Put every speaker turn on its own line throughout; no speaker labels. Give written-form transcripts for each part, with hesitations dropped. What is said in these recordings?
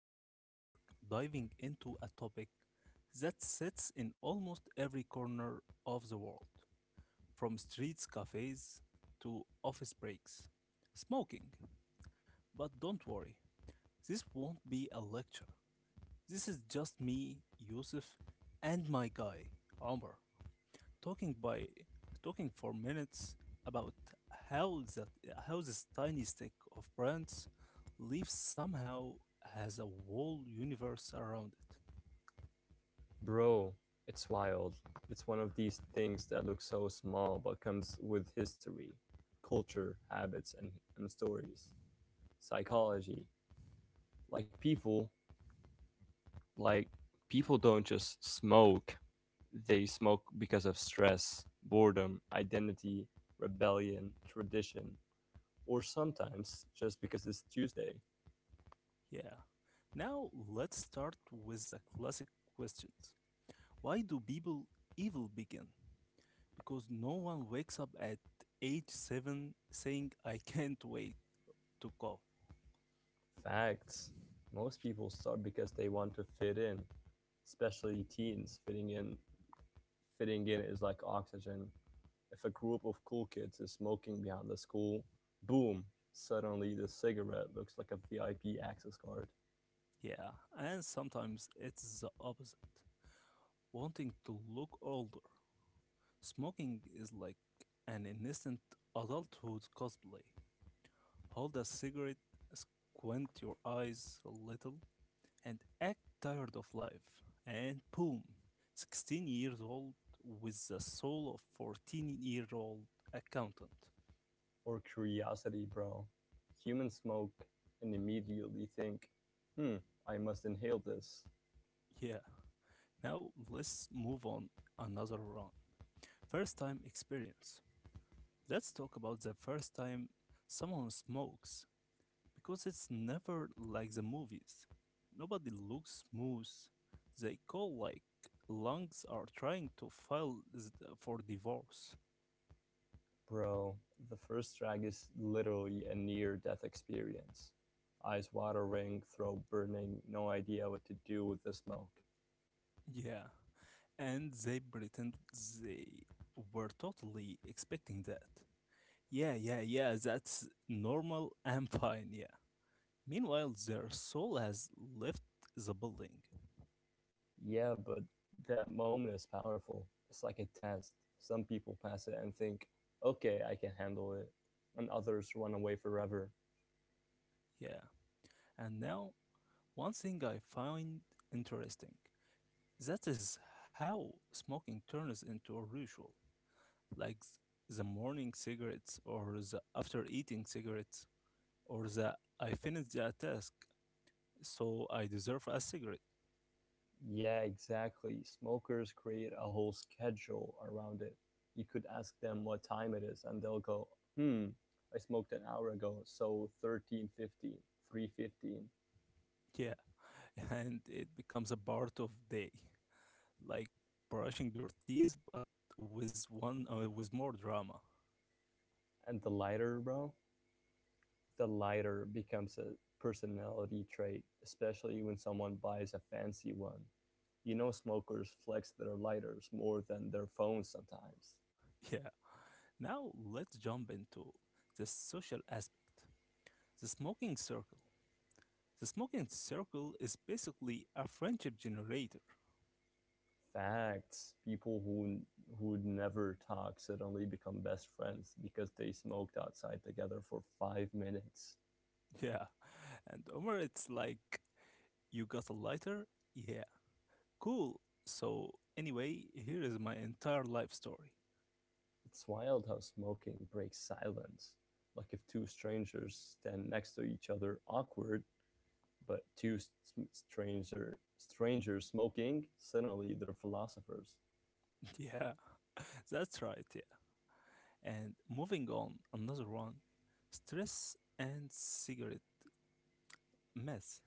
we are diving into a topic that sits in almost every corner of the world, from streets, cafes, to office breaks smoking. But don't worry, this won't be a lecture. This is just me, Yusuf, and my guy, Omar talking by talking for minutes about how that how this tiny stick of brands leaf somehow has a whole universe around it.
Bro, it's wild. It's one of these things that looks so small but comes with history, culture, habits, and stories. Psychology. Like people, like people don't just smoke. They smoke because of stress, boredom, identity, rebellion, tradition, or sometimes just because it's Tuesday.
Yeah. Now let's start with the classic questions. Why do people evil begin? Because no one wakes up at age seven saying I can't wait to go.
Facts. Most people start because they want to fit in, especially teens fitting in, is like oxygen. If a group of cool kids is smoking behind the school, boom, suddenly the cigarette looks like a VIP access card.
Yeah, and sometimes it's the opposite wanting to look older. Smoking is like an innocent adulthood cosplay. Hold a cigarette, squint your eyes a little, and act tired of life. And boom, 16 years old with the soul of 14-year-old accountant.
Or curiosity, bro. Humans smoke and immediately think, hmm, I must inhale this.
Yeah. Now let's move on another round. First time experience. Let's talk about the first time someone smokes, because it's never like the movies. Nobody looks smooth. They call like lungs are trying to file for divorce.
Bro, the first drag is literally a near death experience. Eyes watering, throat burning, no idea what to do with the smoke.
Yeah, and they pretend they were totally expecting that. Yeah, yeah, yeah, that's normal and fine, yeah. Meanwhile, their soul has left the building.
Yeah, but that moment is powerful. It's like a test. Some people pass it and think, okay, I can handle it. And others run away forever.
Yeah. And now, one thing I find interesting. That is how smoking turns into a ritual, like the morning cigarettes, or the after eating cigarettes, or the I finished the task, so I deserve a cigarette.
Yeah, exactly. Smokers create a whole schedule around it. You could ask them what time it is, and they'll go, hmm, I smoked an hour ago, so 13:15, 3:15.
Yeah, and it becomes a part of day, like brushing your teeth, but with more drama.
And the lighter, bro, the lighter becomes a personality trait, especially when someone buys a fancy one. You know, smokers flex their lighters more than their phones sometimes.
Yeah. Now let's jump into the social aspect. The smoking circle. The smoking circle is basically a friendship generator.
Facts. People who never talk suddenly become best friends because they smoked outside together for 5 minutes.
Yeah, and Omar, it's like, you got a lighter? Yeah. Cool. So, anyway, here is my entire life story.
It's wild how smoking breaks silence. Like if two strangers stand next to each other, awkward, but two strangers smoking, suddenly they're philosophers.
Yeah, that's right. Yeah. And moving on, another one, stress and cigarette mess.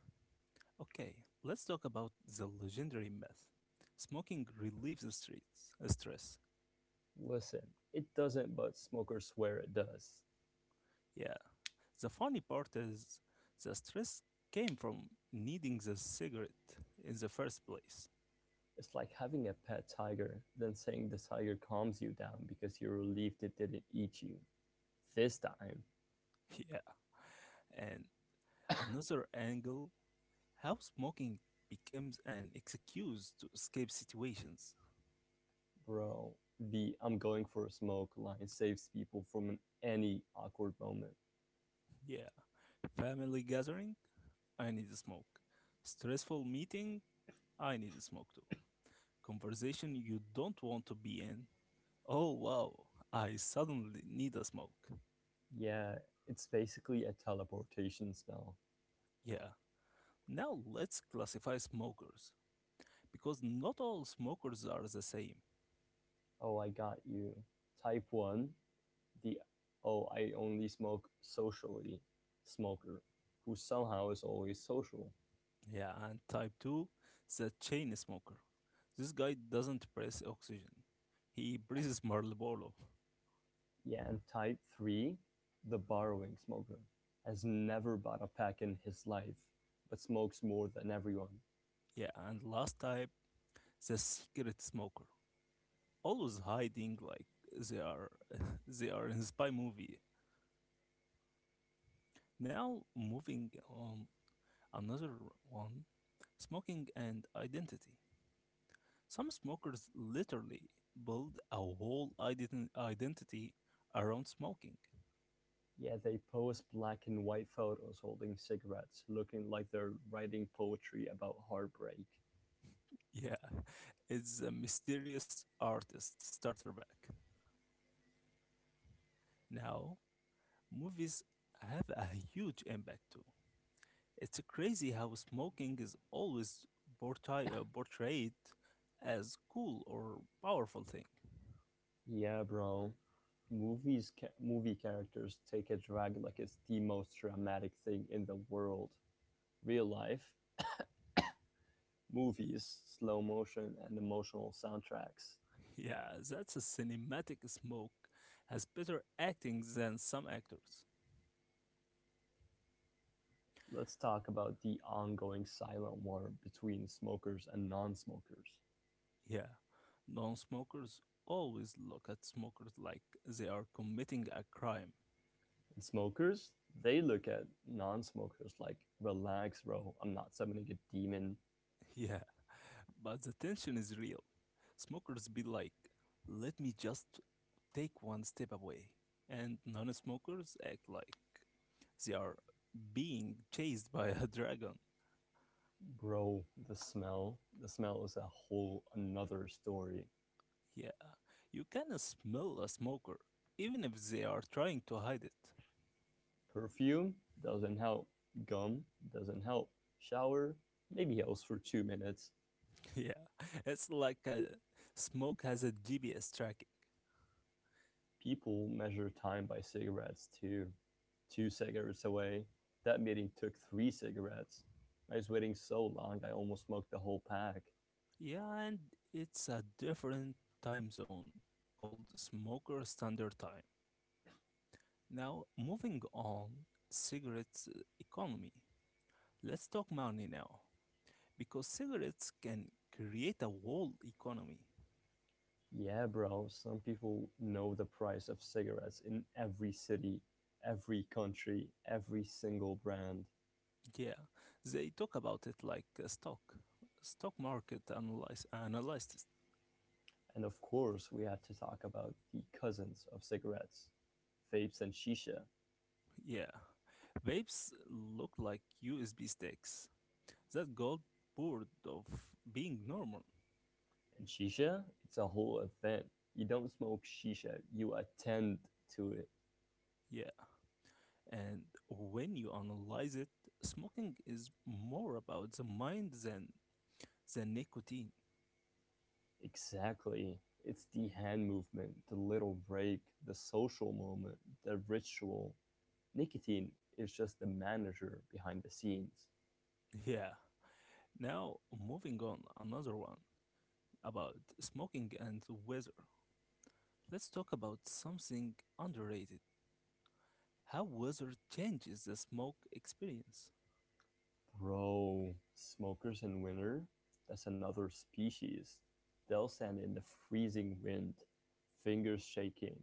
Okay, let's talk about the legendary myth. Smoking relieves stress.
Listen, it doesn't, but smokers swear it does.
Yeah. The funny part is the stress came from needing the cigarette in the first place.
It's like having a pet tiger, then saying the tiger calms you down because you're relieved it didn't eat you. This time,
Yeah. And another angle, how smoking becomes an excuse to escape situations.
bro, the I'm going for a smoke line saves people from any awkward moment.
Yeah, family gathering, I need a smoke. Stressful meeting, I need a smoke too. Conversation you don't want to be in. Oh wow, I suddenly need a smoke.
Yeah, it's basically a teleportation spell.
Yeah. Now let's classify smokers because not all smokers are the same.
Oh, I got you. Type 1, the oh, I only smoke socially smoker, who somehow is always social.
Yeah, and type 2 is a chain smoker. This guy doesn't breathe oxygen. He breathes Marlboro.
Yeah, and type three, the borrowing smoker, has never bought a pack in his life, but smokes more than everyone.
Yeah, and last type, the secret smoker. Always hiding like they are they are in spy movie. Now moving on another one, smoking and identity. Some smokers literally build a whole identity around smoking.
Yeah, they pose black and white photos holding cigarettes, looking like they're writing poetry about heartbreak.
Yeah, it's a mysterious artist starter back. Now, movies have a huge impact too. It's crazy how smoking is always portrayed as cool or powerful thing.
Yeah, bro. Movie characters take a drag like it's the most dramatic thing in the world. Real life, movies, slow motion, and emotional soundtracks.
Yeah, that's a cinematic smoke has better acting than some actors.
Let's talk about the ongoing silent war between smokers and non smokers.
Yeah, non-smokers always look at smokers like they are committing a crime.
And smokers, they look at non smokers like, relax, bro. I'm not summoning a demon.
Yeah. But the tension is real. Smokers be like, let me just take one step away. And non smokers act like they are being chased by a dragon.
Bro, the smell. The smell is a whole another story.
Yeah, you can smell a smoker, even if they are trying to hide it.
Perfume doesn't help. Gum doesn't help. Shower, maybe helps for 2 minutes.
Yeah, it's like a smoke has a GPS tracking.
People measure time by cigarettes too. Two cigarettes away. That meeting took three cigarettes. I was waiting so long I almost smoked the whole pack.
Yeah, and it's a different time zone called smoker standard time. Now, moving on, cigarettes economy. Let's talk money now, because cigarettes can create a whole economy.
Yeah, bro, some people know the price of cigarettes in every city, every country, every single brand.
Yeah, they talk about it like a stock market analyzed. It.
And of course, we had to talk about the cousins of cigarettes, vapes and shisha.
Yeah, vapes look like USB sticks that got bored of being normal.
And shisha, it's a whole event. You don't smoke shisha, you attend to it.
Yeah, and when you analyze it, smoking is more about the mind than the nicotine.
Exactly. It's the hand movement, the little break, the social moment, the ritual. Nicotine is just the manager behind the scenes.
Yeah, now, moving on, another one about smoking and weather. Let's talk about something underrated, how weather changes the smoke experience.
Bro, smokers in winter? That's another species. They'll stand in the freezing wind, fingers shaking,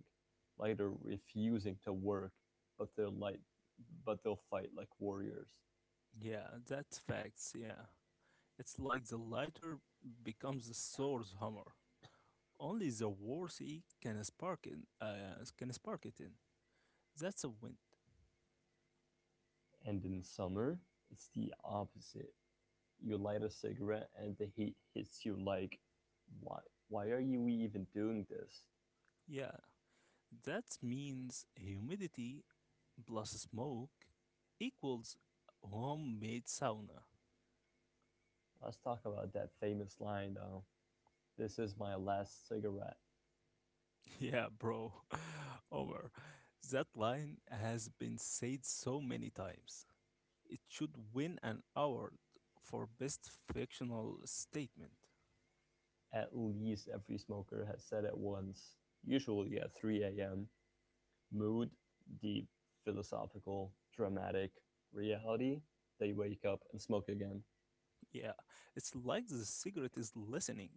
like they're refusing to work, but they'll fight like warriors.
Yeah, that's facts, yeah. It's like the lighter becomes the source hammer. Only the worthy can can spark it in. That's a wind.
And in summer, it's the opposite. You light a cigarette and the heat hits you like, why, why are you even doing this?
Yeah, that means humidity plus smoke equals homemade sauna.
Let's talk about that famous line though. This is my last cigarette.
Yeah, bro. Omar, that line has been said so many times. It should win an award for best fictional statement.
At least every smoker has said it once, usually at 3 a.m. Mood, deep, philosophical, dramatic. Reality, they wake up and smoke again.
Yeah, it's like the cigarette is listening,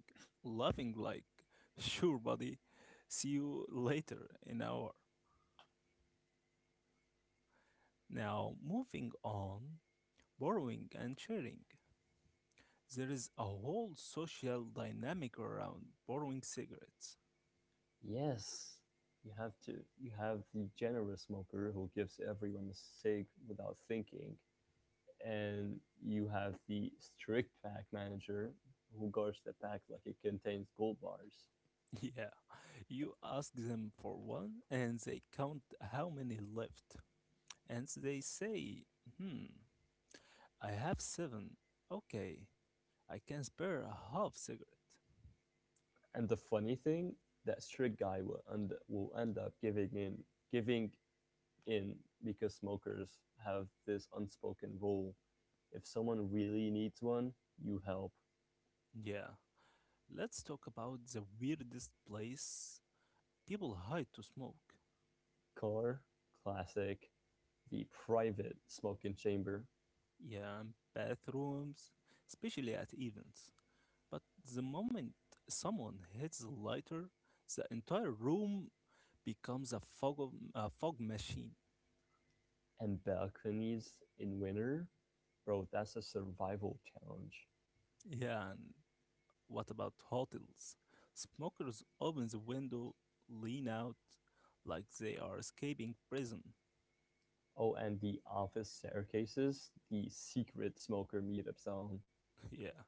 laughing like, sure, buddy, see you later in hour. Now, moving on, borrowing and sharing. There is a whole social dynamic around borrowing cigarettes.
Yes, you have to you have the generous smoker who gives everyone a cig without thinking and you have the strict pack manager who guards the pack like it contains gold bars.
Yeah, you ask them for one and they count how many left. And they say, hmm, I have seven. Okay, I can spare a half cigarette.
And the funny thing, that strict guy will end up giving in giving in because smokers have this unspoken rule. If someone really needs one, you help.
Yeah, let's talk about the weirdest place people hide to smoke.
Car, classic, the private smoking chamber,
Yeah, and bathrooms, especially at events. But the moment someone hits a lighter, the entire room becomes a a fog machine.
and balconies in winter, bro, that's a survival challenge.
Yeah, and what about hotels? Smokers open the window, lean out like they are escaping prison.
Oh, and the office staircases, the secret smoker meetup zone.
Yeah.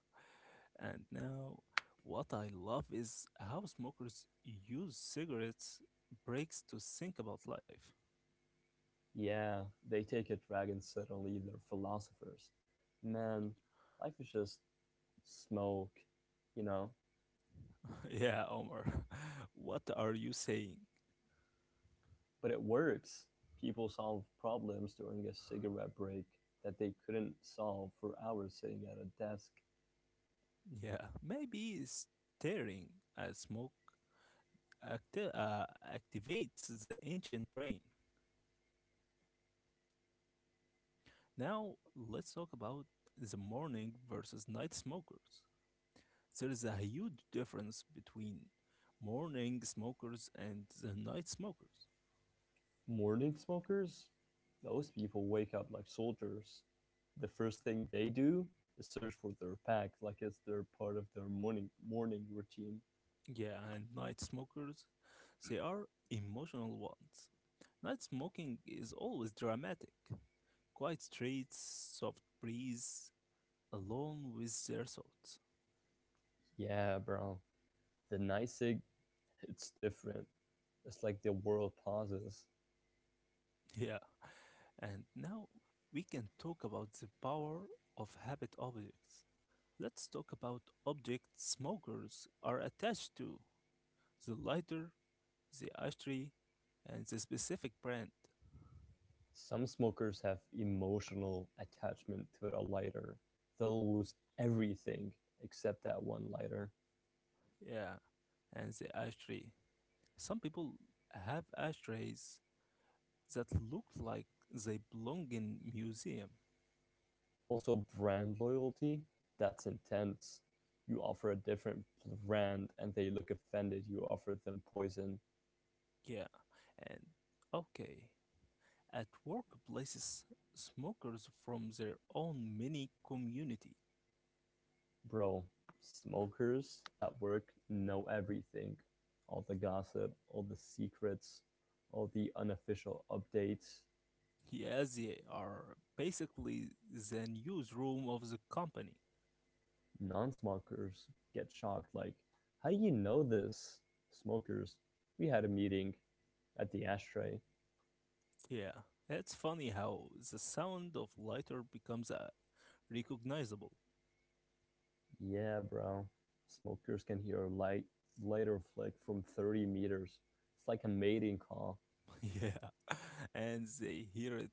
And now, what I love is how smokers use cigarettes breaks to think about life.
Yeah, they take a dragon suddenly, they're philosophers. Man, life is just smoke, you know?
Yeah, Omar. What are you saying?
But it works. People solve problems during a cigarette break that they couldn't solve for hours sitting at a desk.
Yeah, maybe staring at smoke activates the ancient brain. Now, let's talk about the morning versus night smokers. There is a huge difference between morning smokers and the night smokers.
Morning smokers, those people wake up like soldiers. The first thing they do is search for their pack, like it's their part of their morning routine.
Yeah, and night smokers, they are emotional ones. Night smoking is always dramatic. Quiet streets, soft breeze, alone with their thoughts.
Yeah, bro. The night cig, it's different. It's like the world pauses.
Yeah. And now we can talk about the power of habit objects. Let's talk about objects smokers are attached to: the lighter, the ashtray, and the specific brand.
Some smokers have emotional attachment to a lighter. They'll lose everything except that one lighter.
Yeah, and the ashtray. Some people have ashtrays that look like they belong in museum.
Also, brand loyalty, that's intense. You offer a different brand and they look offended you offer them poison.
Yeah, and okay. At workplaces, smokers from their own mini community.
Bro, smokers at work know everything, all the gossip, all the secrets, all the unofficial updates.
Yeah, they are basically the newsroom of the company.
Non-smokers get shocked like, how do you know this? Smokers: we had a meeting at the ashtray.
Yeah, it's funny how the sound of lighter becomes recognizable.
Yeah, bro. Smokers can hear a lighter flick from 30 meters. It's like a mating call.
Yeah, and they hear it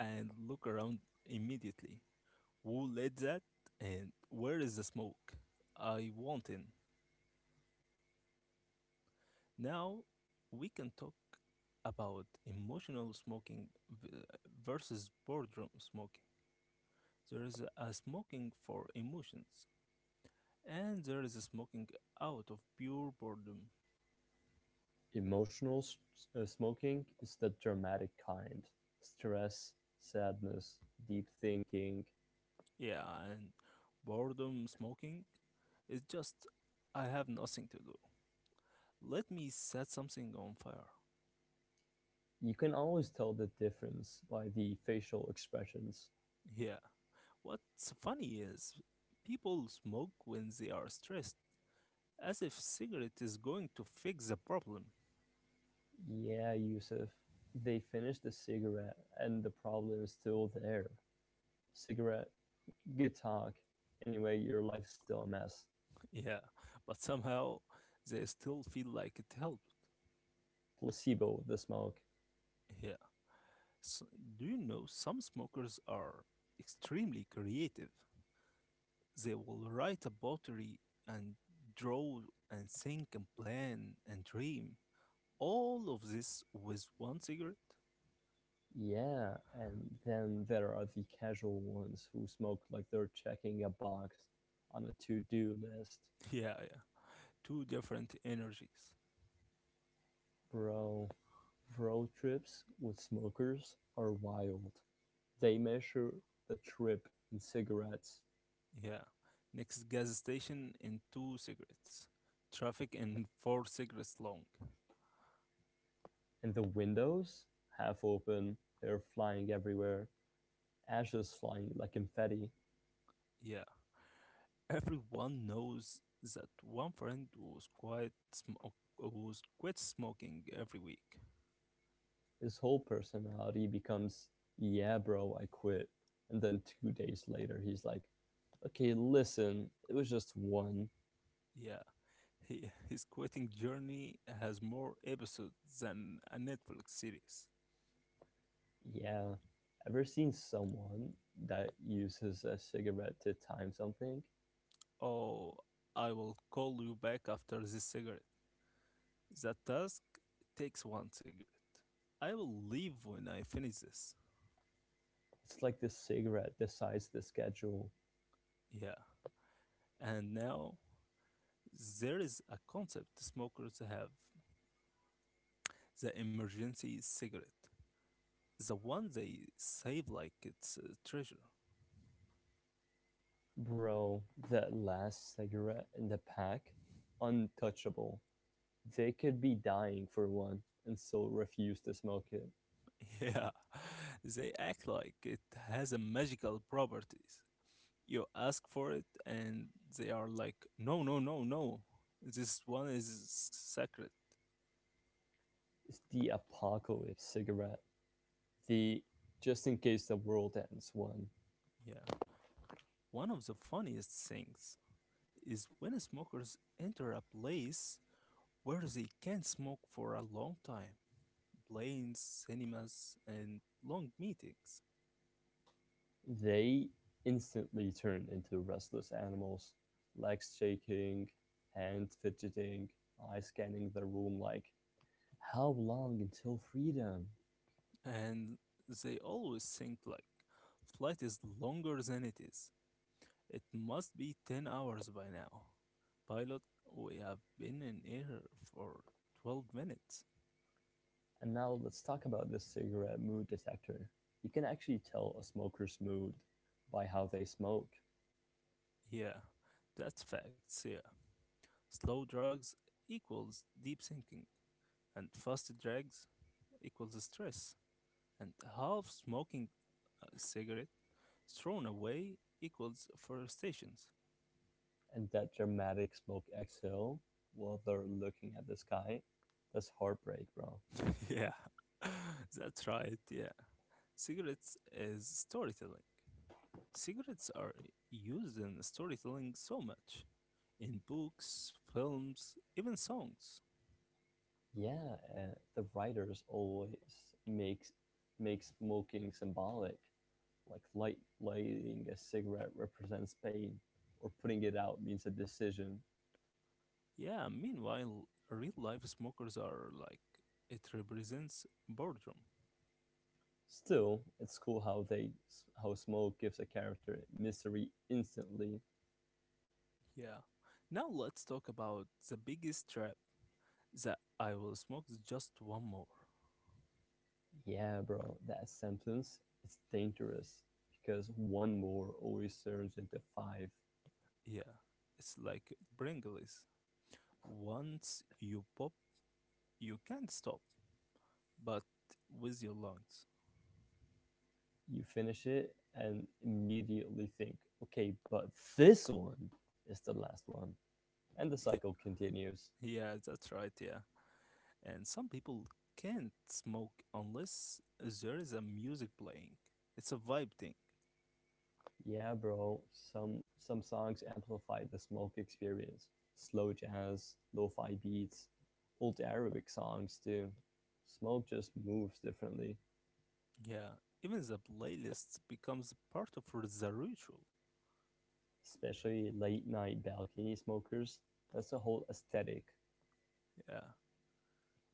and look around immediately. Who lit that? And where is the smoke? I want in. Now we can talk about emotional smoking v- versus boardroom smoking. There is a smoking for emotions, and there is a smoking out of pure boredom.
Emotional smoking is the dramatic kind. Stress, sadness, deep thinking.
Yeah, and boredom smoking is just I have nothing to do. Let me set something on fire.
You can always tell the difference by the facial expressions.
Yeah. What's funny is people smoke when they are stressed, as if cigarette is going to fix the problem.
Yeah, Yusuf. They finished the cigarette and the problem is still there. Cigarette, good talk. Anyway, your life's still a mess.
Yeah, but somehow they still feel like it helped.
Placebo, the smoke.
Yeah. So, do you know some smokers are extremely creative? They will write a pottery and draw and think and plan and dream. All of this with one cigarette?
Yeah, and then there are the casual ones who smoke like they're checking a box on a to-do list.
Yeah, yeah. Two different energies.
Bro, road trips with smokers are wild. They measure the trip in cigarettes,
Yeah. Next gas station in two cigarettes. Traffic in four cigarettes long.
and the windows, half open, they're flying everywhere, ashes flying like confetti.
Yeah. Everyone knows that one friend was quite smoke was quit smoking every week.
His whole personality becomes, yeah, bro, I quit. And then 2 days later, he's like, okay, listen, it was just one.
Yeah. He, his quitting journey has more episodes than a Netflix series.
Yeah. Ever seen someone that uses a cigarette to time something?
Oh, I will call you back after this cigarette. The task takes one cigarette. I will leave when I finish this.
It's like the cigarette decides the schedule.
Yeah. And now there is a concept smokers have, the emergency cigarette. The one they save like it's a treasure.
Bro, that last cigarette in the pack, untouchable. They could be dying for one and still refuse to smoke it.
Yeah. They act like it has a magical properties. You ask for it and they are like, no, no, no, no. This one is sacred.
It's the apocalypse cigarette. The just in case the world ends one.
Yeah. One of the funniest things is when smokers enter a place where they can smoke for a long time, planes, cinemas, and long meetings.
They instantly turn into restless animals, legs shaking, hands fidgeting, eyes scanning the room like, how long until freedom?
And they always think like flight is longer than it is. It must be 10 hours by now. Pilot, we have been in air for 12 minutes.
And now let's talk about this cigarette mood detector. You can actually tell a smoker's mood by how they smoke.
Yeah, that's facts, yeah. Slow drugs equals deep thinking, and fast drugs equals stress. And half smoking a cigarette thrown away equals frustrations.
And that dramatic smoke exhale while they're looking at the sky, that's heartbreak, bro.
Yeah, that's right. Yeah, cigarettes is storytelling. Cigarettes are used in storytelling so much in books, films, even songs.
Yeah, the writers always makes make smoking symbolic, like lighting a cigarette represents pain, or putting it out means a decision.
Yeah, meanwhile, real life smokers are like it represents boredom.
Still, it's cool how they how smoke gives a character mystery instantly.
Yeah. Now let's talk about the biggest trap, that I will smoke just one more.
Yeah, bro, that sentence it's dangerous because one more always turns into five.
Yeah, it's like Pringles. Once you pop, you can't stop, but with your lungs.
You finish it and immediately think, okay, but this one is the last one. And the cycle continues.
Yeah, that's right, yeah. And some people can't smoke unless there is a music playing. It's a vibe thing.
Yeah, bro. Some songs amplify the smoke experience. Slow jazz, lo-fi beats, old Arabic songs too. Smoke just moves differently,
Yeah, even the playlist becomes part of the ritual.
especially late night balcony smokers. That's the whole aesthetic.
Yeah.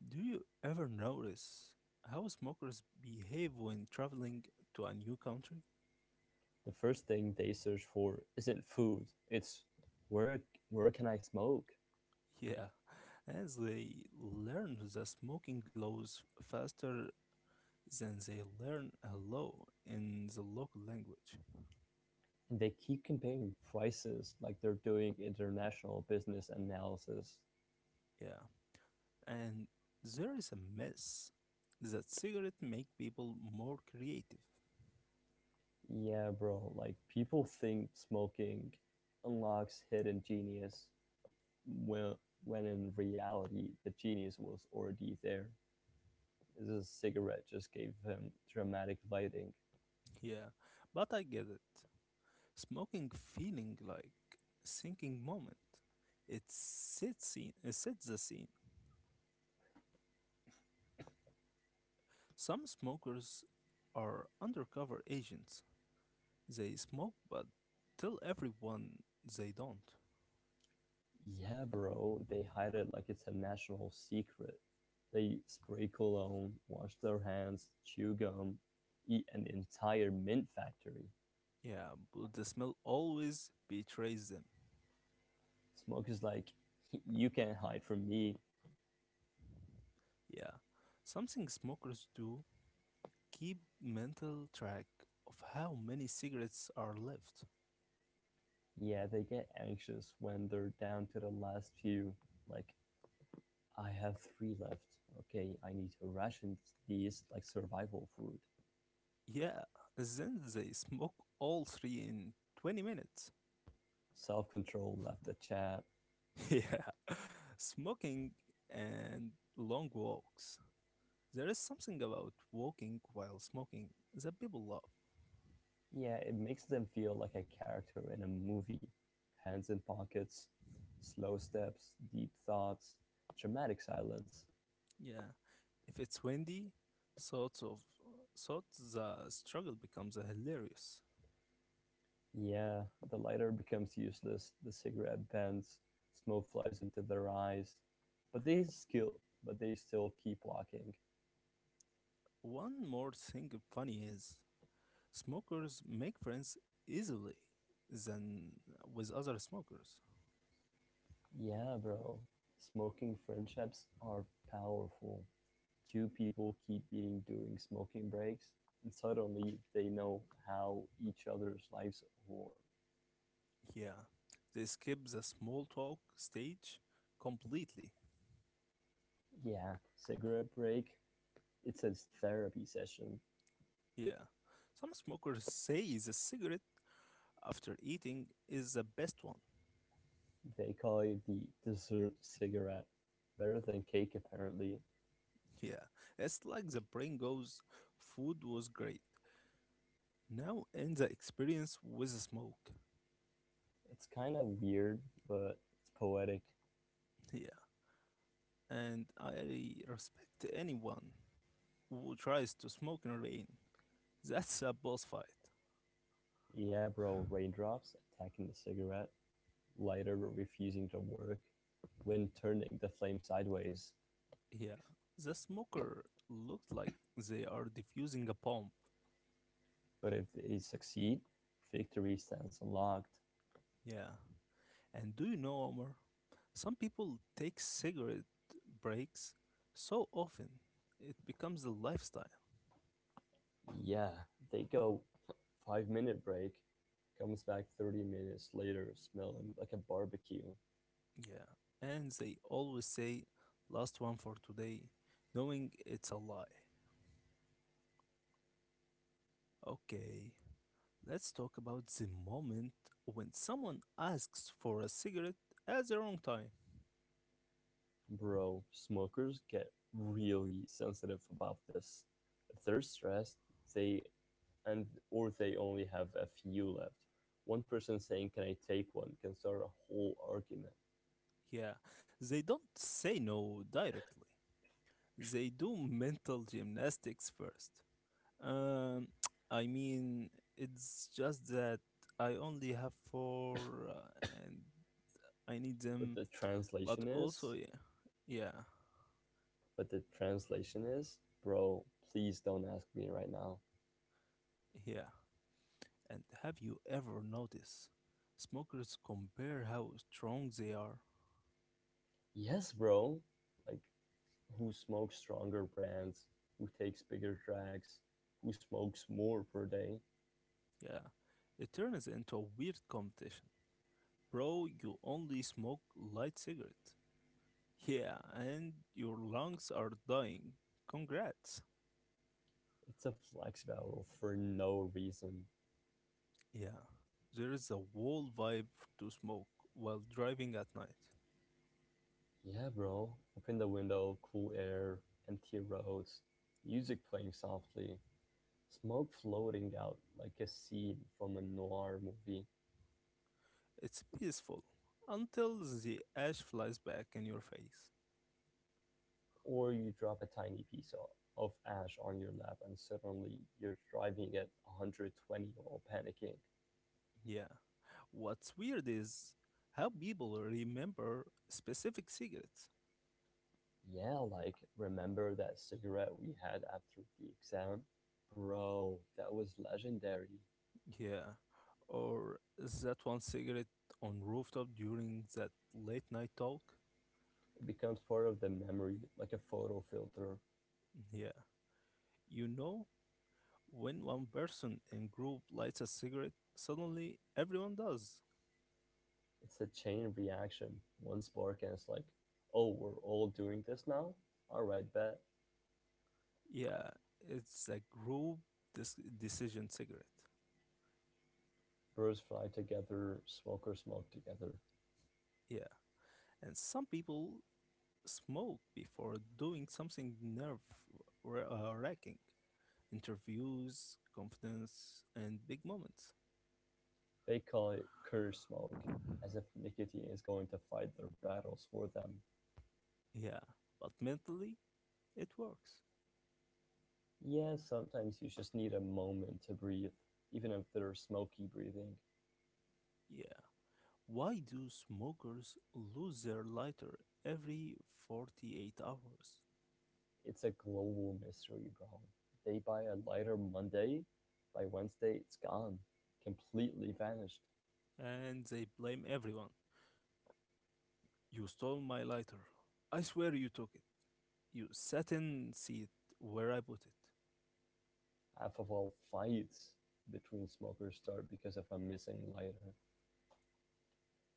Do you ever notice how smokers behave when traveling to a new country?
The first thing they search for isn't food. It's where where can I smoke?
Yeah, as they learn the smoking laws faster than they learn a law in the local language.
And they keep comparing prices like they're doing international business analysis.
Yeah, and there is a myth that cigarette make people more creative.
Yeah, bro. Like people think smoking unlocks hidden genius when when in reality the genius was already there. This cigarette just gave him dramatic lighting.
Yeah, but I get it. Smoking feeling like thinking moment. It sets the scene. Some smokers are undercover agents. They smoke, but tell everyone they don't.
Yeah, bro. They hide it like it's a national secret. They spray cologne, wash their hands, chew gum, eat an entire mint factory.
Yeah, but the smell always betrays them.
Smoke is like you can't hide from me.
Yeah, something smokers do keep mental track of how many cigarettes are left.
Yeah, they get anxious when they're down to the last few. Like, I have three left. Okay, I need to ration these like survival food.
Yeah, then they smoke all three in 20 minutes.
Self control left the chat.
Yeah, smoking and long walks. There is something about walking while smoking that people love.
Yeah, it makes them feel like a character in a movie. Hands in pockets, slow steps, deep thoughts, dramatic silence.
Yeah, if it's windy, sort of sort the struggle becomes a hilarious.
Yeah, the lighter becomes useless, the cigarette bends, smoke flies into their eyes. But they skill but they still keep walking.
One more thing funny is smokers make friends easily than with other smokers.
Yeah, bro. Smoking friendships are powerful. Two people keep eating during smoking breaks, and suddenly they know how each other's lives were.
Yeah, they skip the small talk stage completely.
Yeah, cigarette break. It's a therapy session.
Yeah, some smokers say the cigarette after eating is the best one.
They call it the dessert cigarette. Better than cake, apparently.
Yeah, it's like the brain goes, food was great. Now end the experience with a smoke.
It's kind of weird, but it's poetic.
Yeah, and I respect anyone who tries to smoke in rain. That's a boss fight.
Yeah, bro. Raindrops attacking the cigarette, lighter refusing to work, wind turning the flame sideways.
Yeah, the smoker looked like they are defusing a bomb.
But if they succeed, victory stands unlocked.
Yeah, and do you know, Omar? Some people take cigarette breaks so often it becomes a lifestyle.
Yeah, they go 5 minute break, comes back 30 minutes later, smelling like a barbecue.
Yeah, and they always say last one for today, knowing it's a lie. Okay, let's talk about the moment when someone asks for a cigarette at the wrong time.
Bro, smokers get really sensitive about this. If they're stressed, they and or they only have a few left. One person saying, "Can I take one?" can start a whole argument.
Yeah, they don't say no directly. They do mental gymnastics first. Um, I mean, it's just that I only have four and I need
But
them,
the
but
translation
also,
is,
yeah, yeah,
"Bro, please don't ask me right now."
yeah. And have you ever noticed smokers compare how strong they are?
Yes, bro. Like, who smokes stronger brands? Who takes bigger drags? Who smokes more per day?
Yeah, it turns into a weird competition. Bro, you only smoke light cigarette. Yeah, and your lungs are dying. Congrats.
It's a flex battle for no reason.
Yeah, there is a whole vibe to smoke while driving at night.
Yeah, bro. Open the window, cool air, empty roads, music playing softly, smoke floating out like a scene from a noir movie,
It's peaceful until the ash flies back in your face.
or you drop a tiny of ash on your lap and suddenly you're driving at 120 while panicking.
Yeah, what's weird is how people remember specific cigarettes.
Yeah, like remember that cigarette we had after the exam? Bro, that was legendary.
Yeah, or that one cigarette on rooftop during that late night talk.
It becomes part of the memory, like a photo filter.
Yeah, you know, when one person in group lights a cigarette, suddenly everyone does.
It's a chain reaction. One spark and it's like, oh, we're all doing this now? Alright, bet.
Yeah, it's a group decision cigarette.
Birds fly together, smokers smoke together.
Yeah, and some people smoke before doing something nerve wracking, interviews, confidence, and big moments.
They call it curse smoke, as if nicotine is going to fight their battles for them.
Yeah, but mentally it works.
Yeah, sometimes you just need a moment to breathe, even if they're smoky breathing.
Yeah. Why do smokers lose their lighter every 48 hours?
It's a global mystery, bro. They buy a lighter Monday, by Wednesday it's gone, completely vanished.
And they blame everyone. You stole my lighter. I swear you took it. You sat in seat where I put it.
Half of all fights between smokers start because of a missing lighter.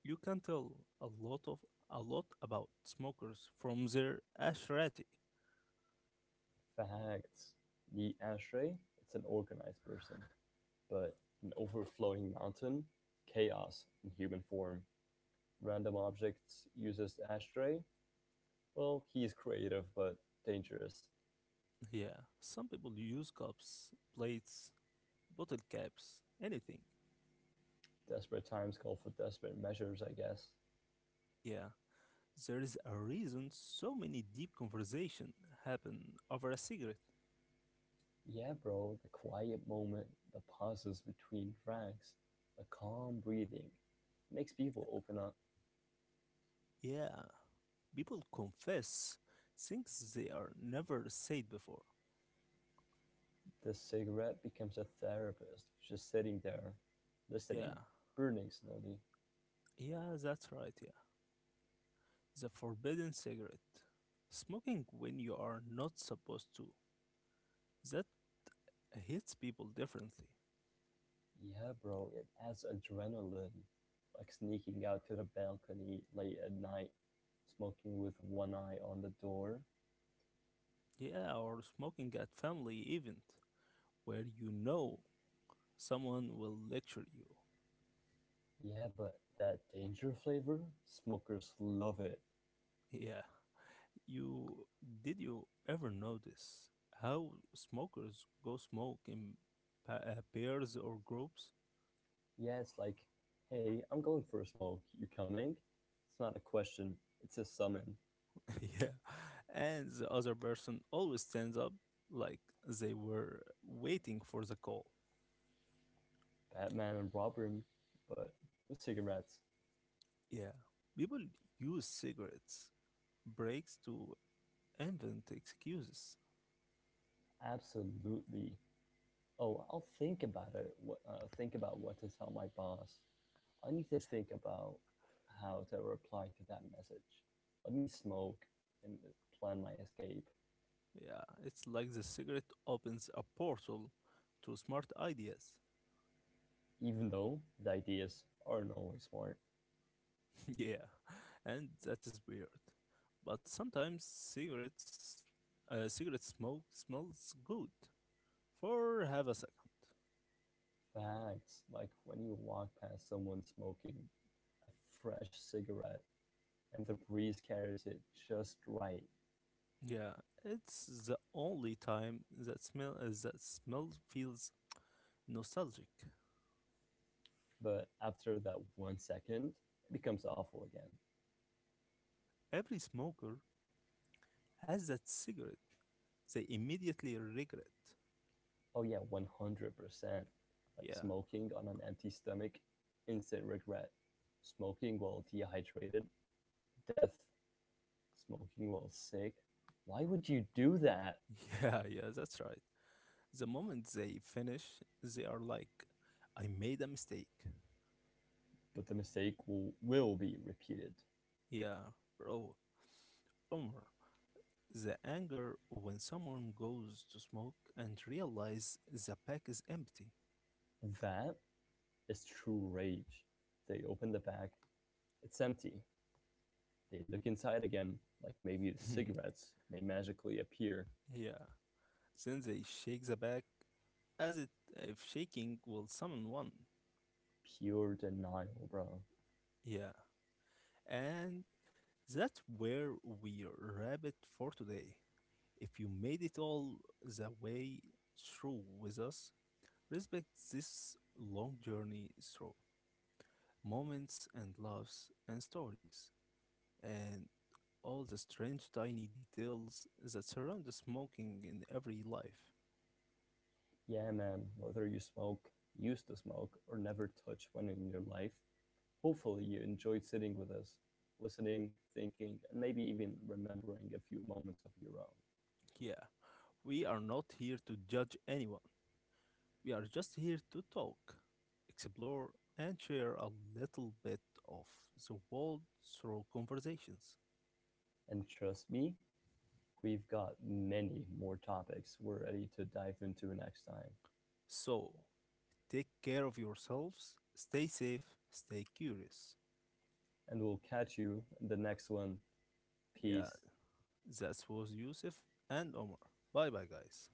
You can tell a lot of a lot about smokers from their ashrati.
Facts. The ashtray, it's an organized person, but an overflowing mountain, chaos in human form. Random objects uses ashtray. Well, he's creative but dangerous.
Yeah, some people use cups, plates, bottle caps, anything.
Desperate times call for desperate measures, I guess.
Yeah, there is a reason so many deep conversation happen over a cigarette.
Yeah bro, the quiet moment, the pauses between drags, the calm breathing. Makes people open up.
Yeah, people confess things they are never said before.
The cigarette becomes a therapist, just sitting there,
Yeah,
listening, burning slowly.
yeah, that's right. Yeah, the forbidden cigarette. Smoking when you are not supposed to. That hits people differently.
Yeah bro, it adds adrenaline. Like sneaking out to the balcony late at night, smoking with one eye on the door.
Yeah, or smoking at family event where you know someone will lecture you.
Yeah, but that danger flavor, smokers love it.
Yeah, you did you ever notice how smokers go smoke in pairs or groups?
Yeah, it's like, hey, I'm going for a smoke. You coming? It's not a question, it's a summon.
Yeah, and the other person always stands up like they were waiting for the call.
Batman and Robin, but with cigarettes.
Yeah, people use cigarettes breaks to invent excuses.
Absolutely. Oh, I'll think about it. What, think about what to tell my boss. I need to think about how to reply to that message. Let me smoke and plan my escape,
Yeah, it's like the cigarette opens a portal to smart ideas.
even though the ideas aren't always smart.
Yeah, and that is weird, but sometimes cigarette smoke smells good for half a second.
Facts, like when you walk past someone smoking a fresh cigarette and the breeze carries it just right.
Yeah, it's the only time that smell feels nostalgic.
But after that 1 second, it becomes awful again.
Every smoker has that cigarette they immediately regret.
Oh, yeah, 100%. Like
Yeah,
smoking on an empty stomach, instant regret. Smoking while dehydrated, death. Smoking while sick. Why would you do that?
yeah, that's right. The moment they finish, they are like, I made a mistake.
But the mistake will be repeated.
Yeah, bro, Omar. The anger when someone goes to smoke and realize the pack is empty.
That is true rage. They open the bag, it's empty. They look inside again, like maybe the cigarettes may magically appear.
Yeah. Then they shake the bag as it if shaking will summon one.
Pure denial, bro.
Yeah. And that's where we wrap it for today. If you made it all the way through with us, respect this long journey through moments and loves and stories and all the strange tiny details that surround the smoking in every life.
Yeah, man. Whether you smoke, used to smoke, or never touch one in your life, hopefully you enjoyed sitting with us, listening, thinking, and maybe even remembering a few moments of your own.
Yeah, we are not here to judge anyone. We are just here to talk, explore, and share a little bit of the world through conversations.
And trust me, we've got many more topics we're ready to dive into next time.
So, take care of yourselves, stay safe, stay curious.
And we'll catch you in the next one.
Yeah,
Peace.
that was Yusuf and Omar. Bye bye, guys.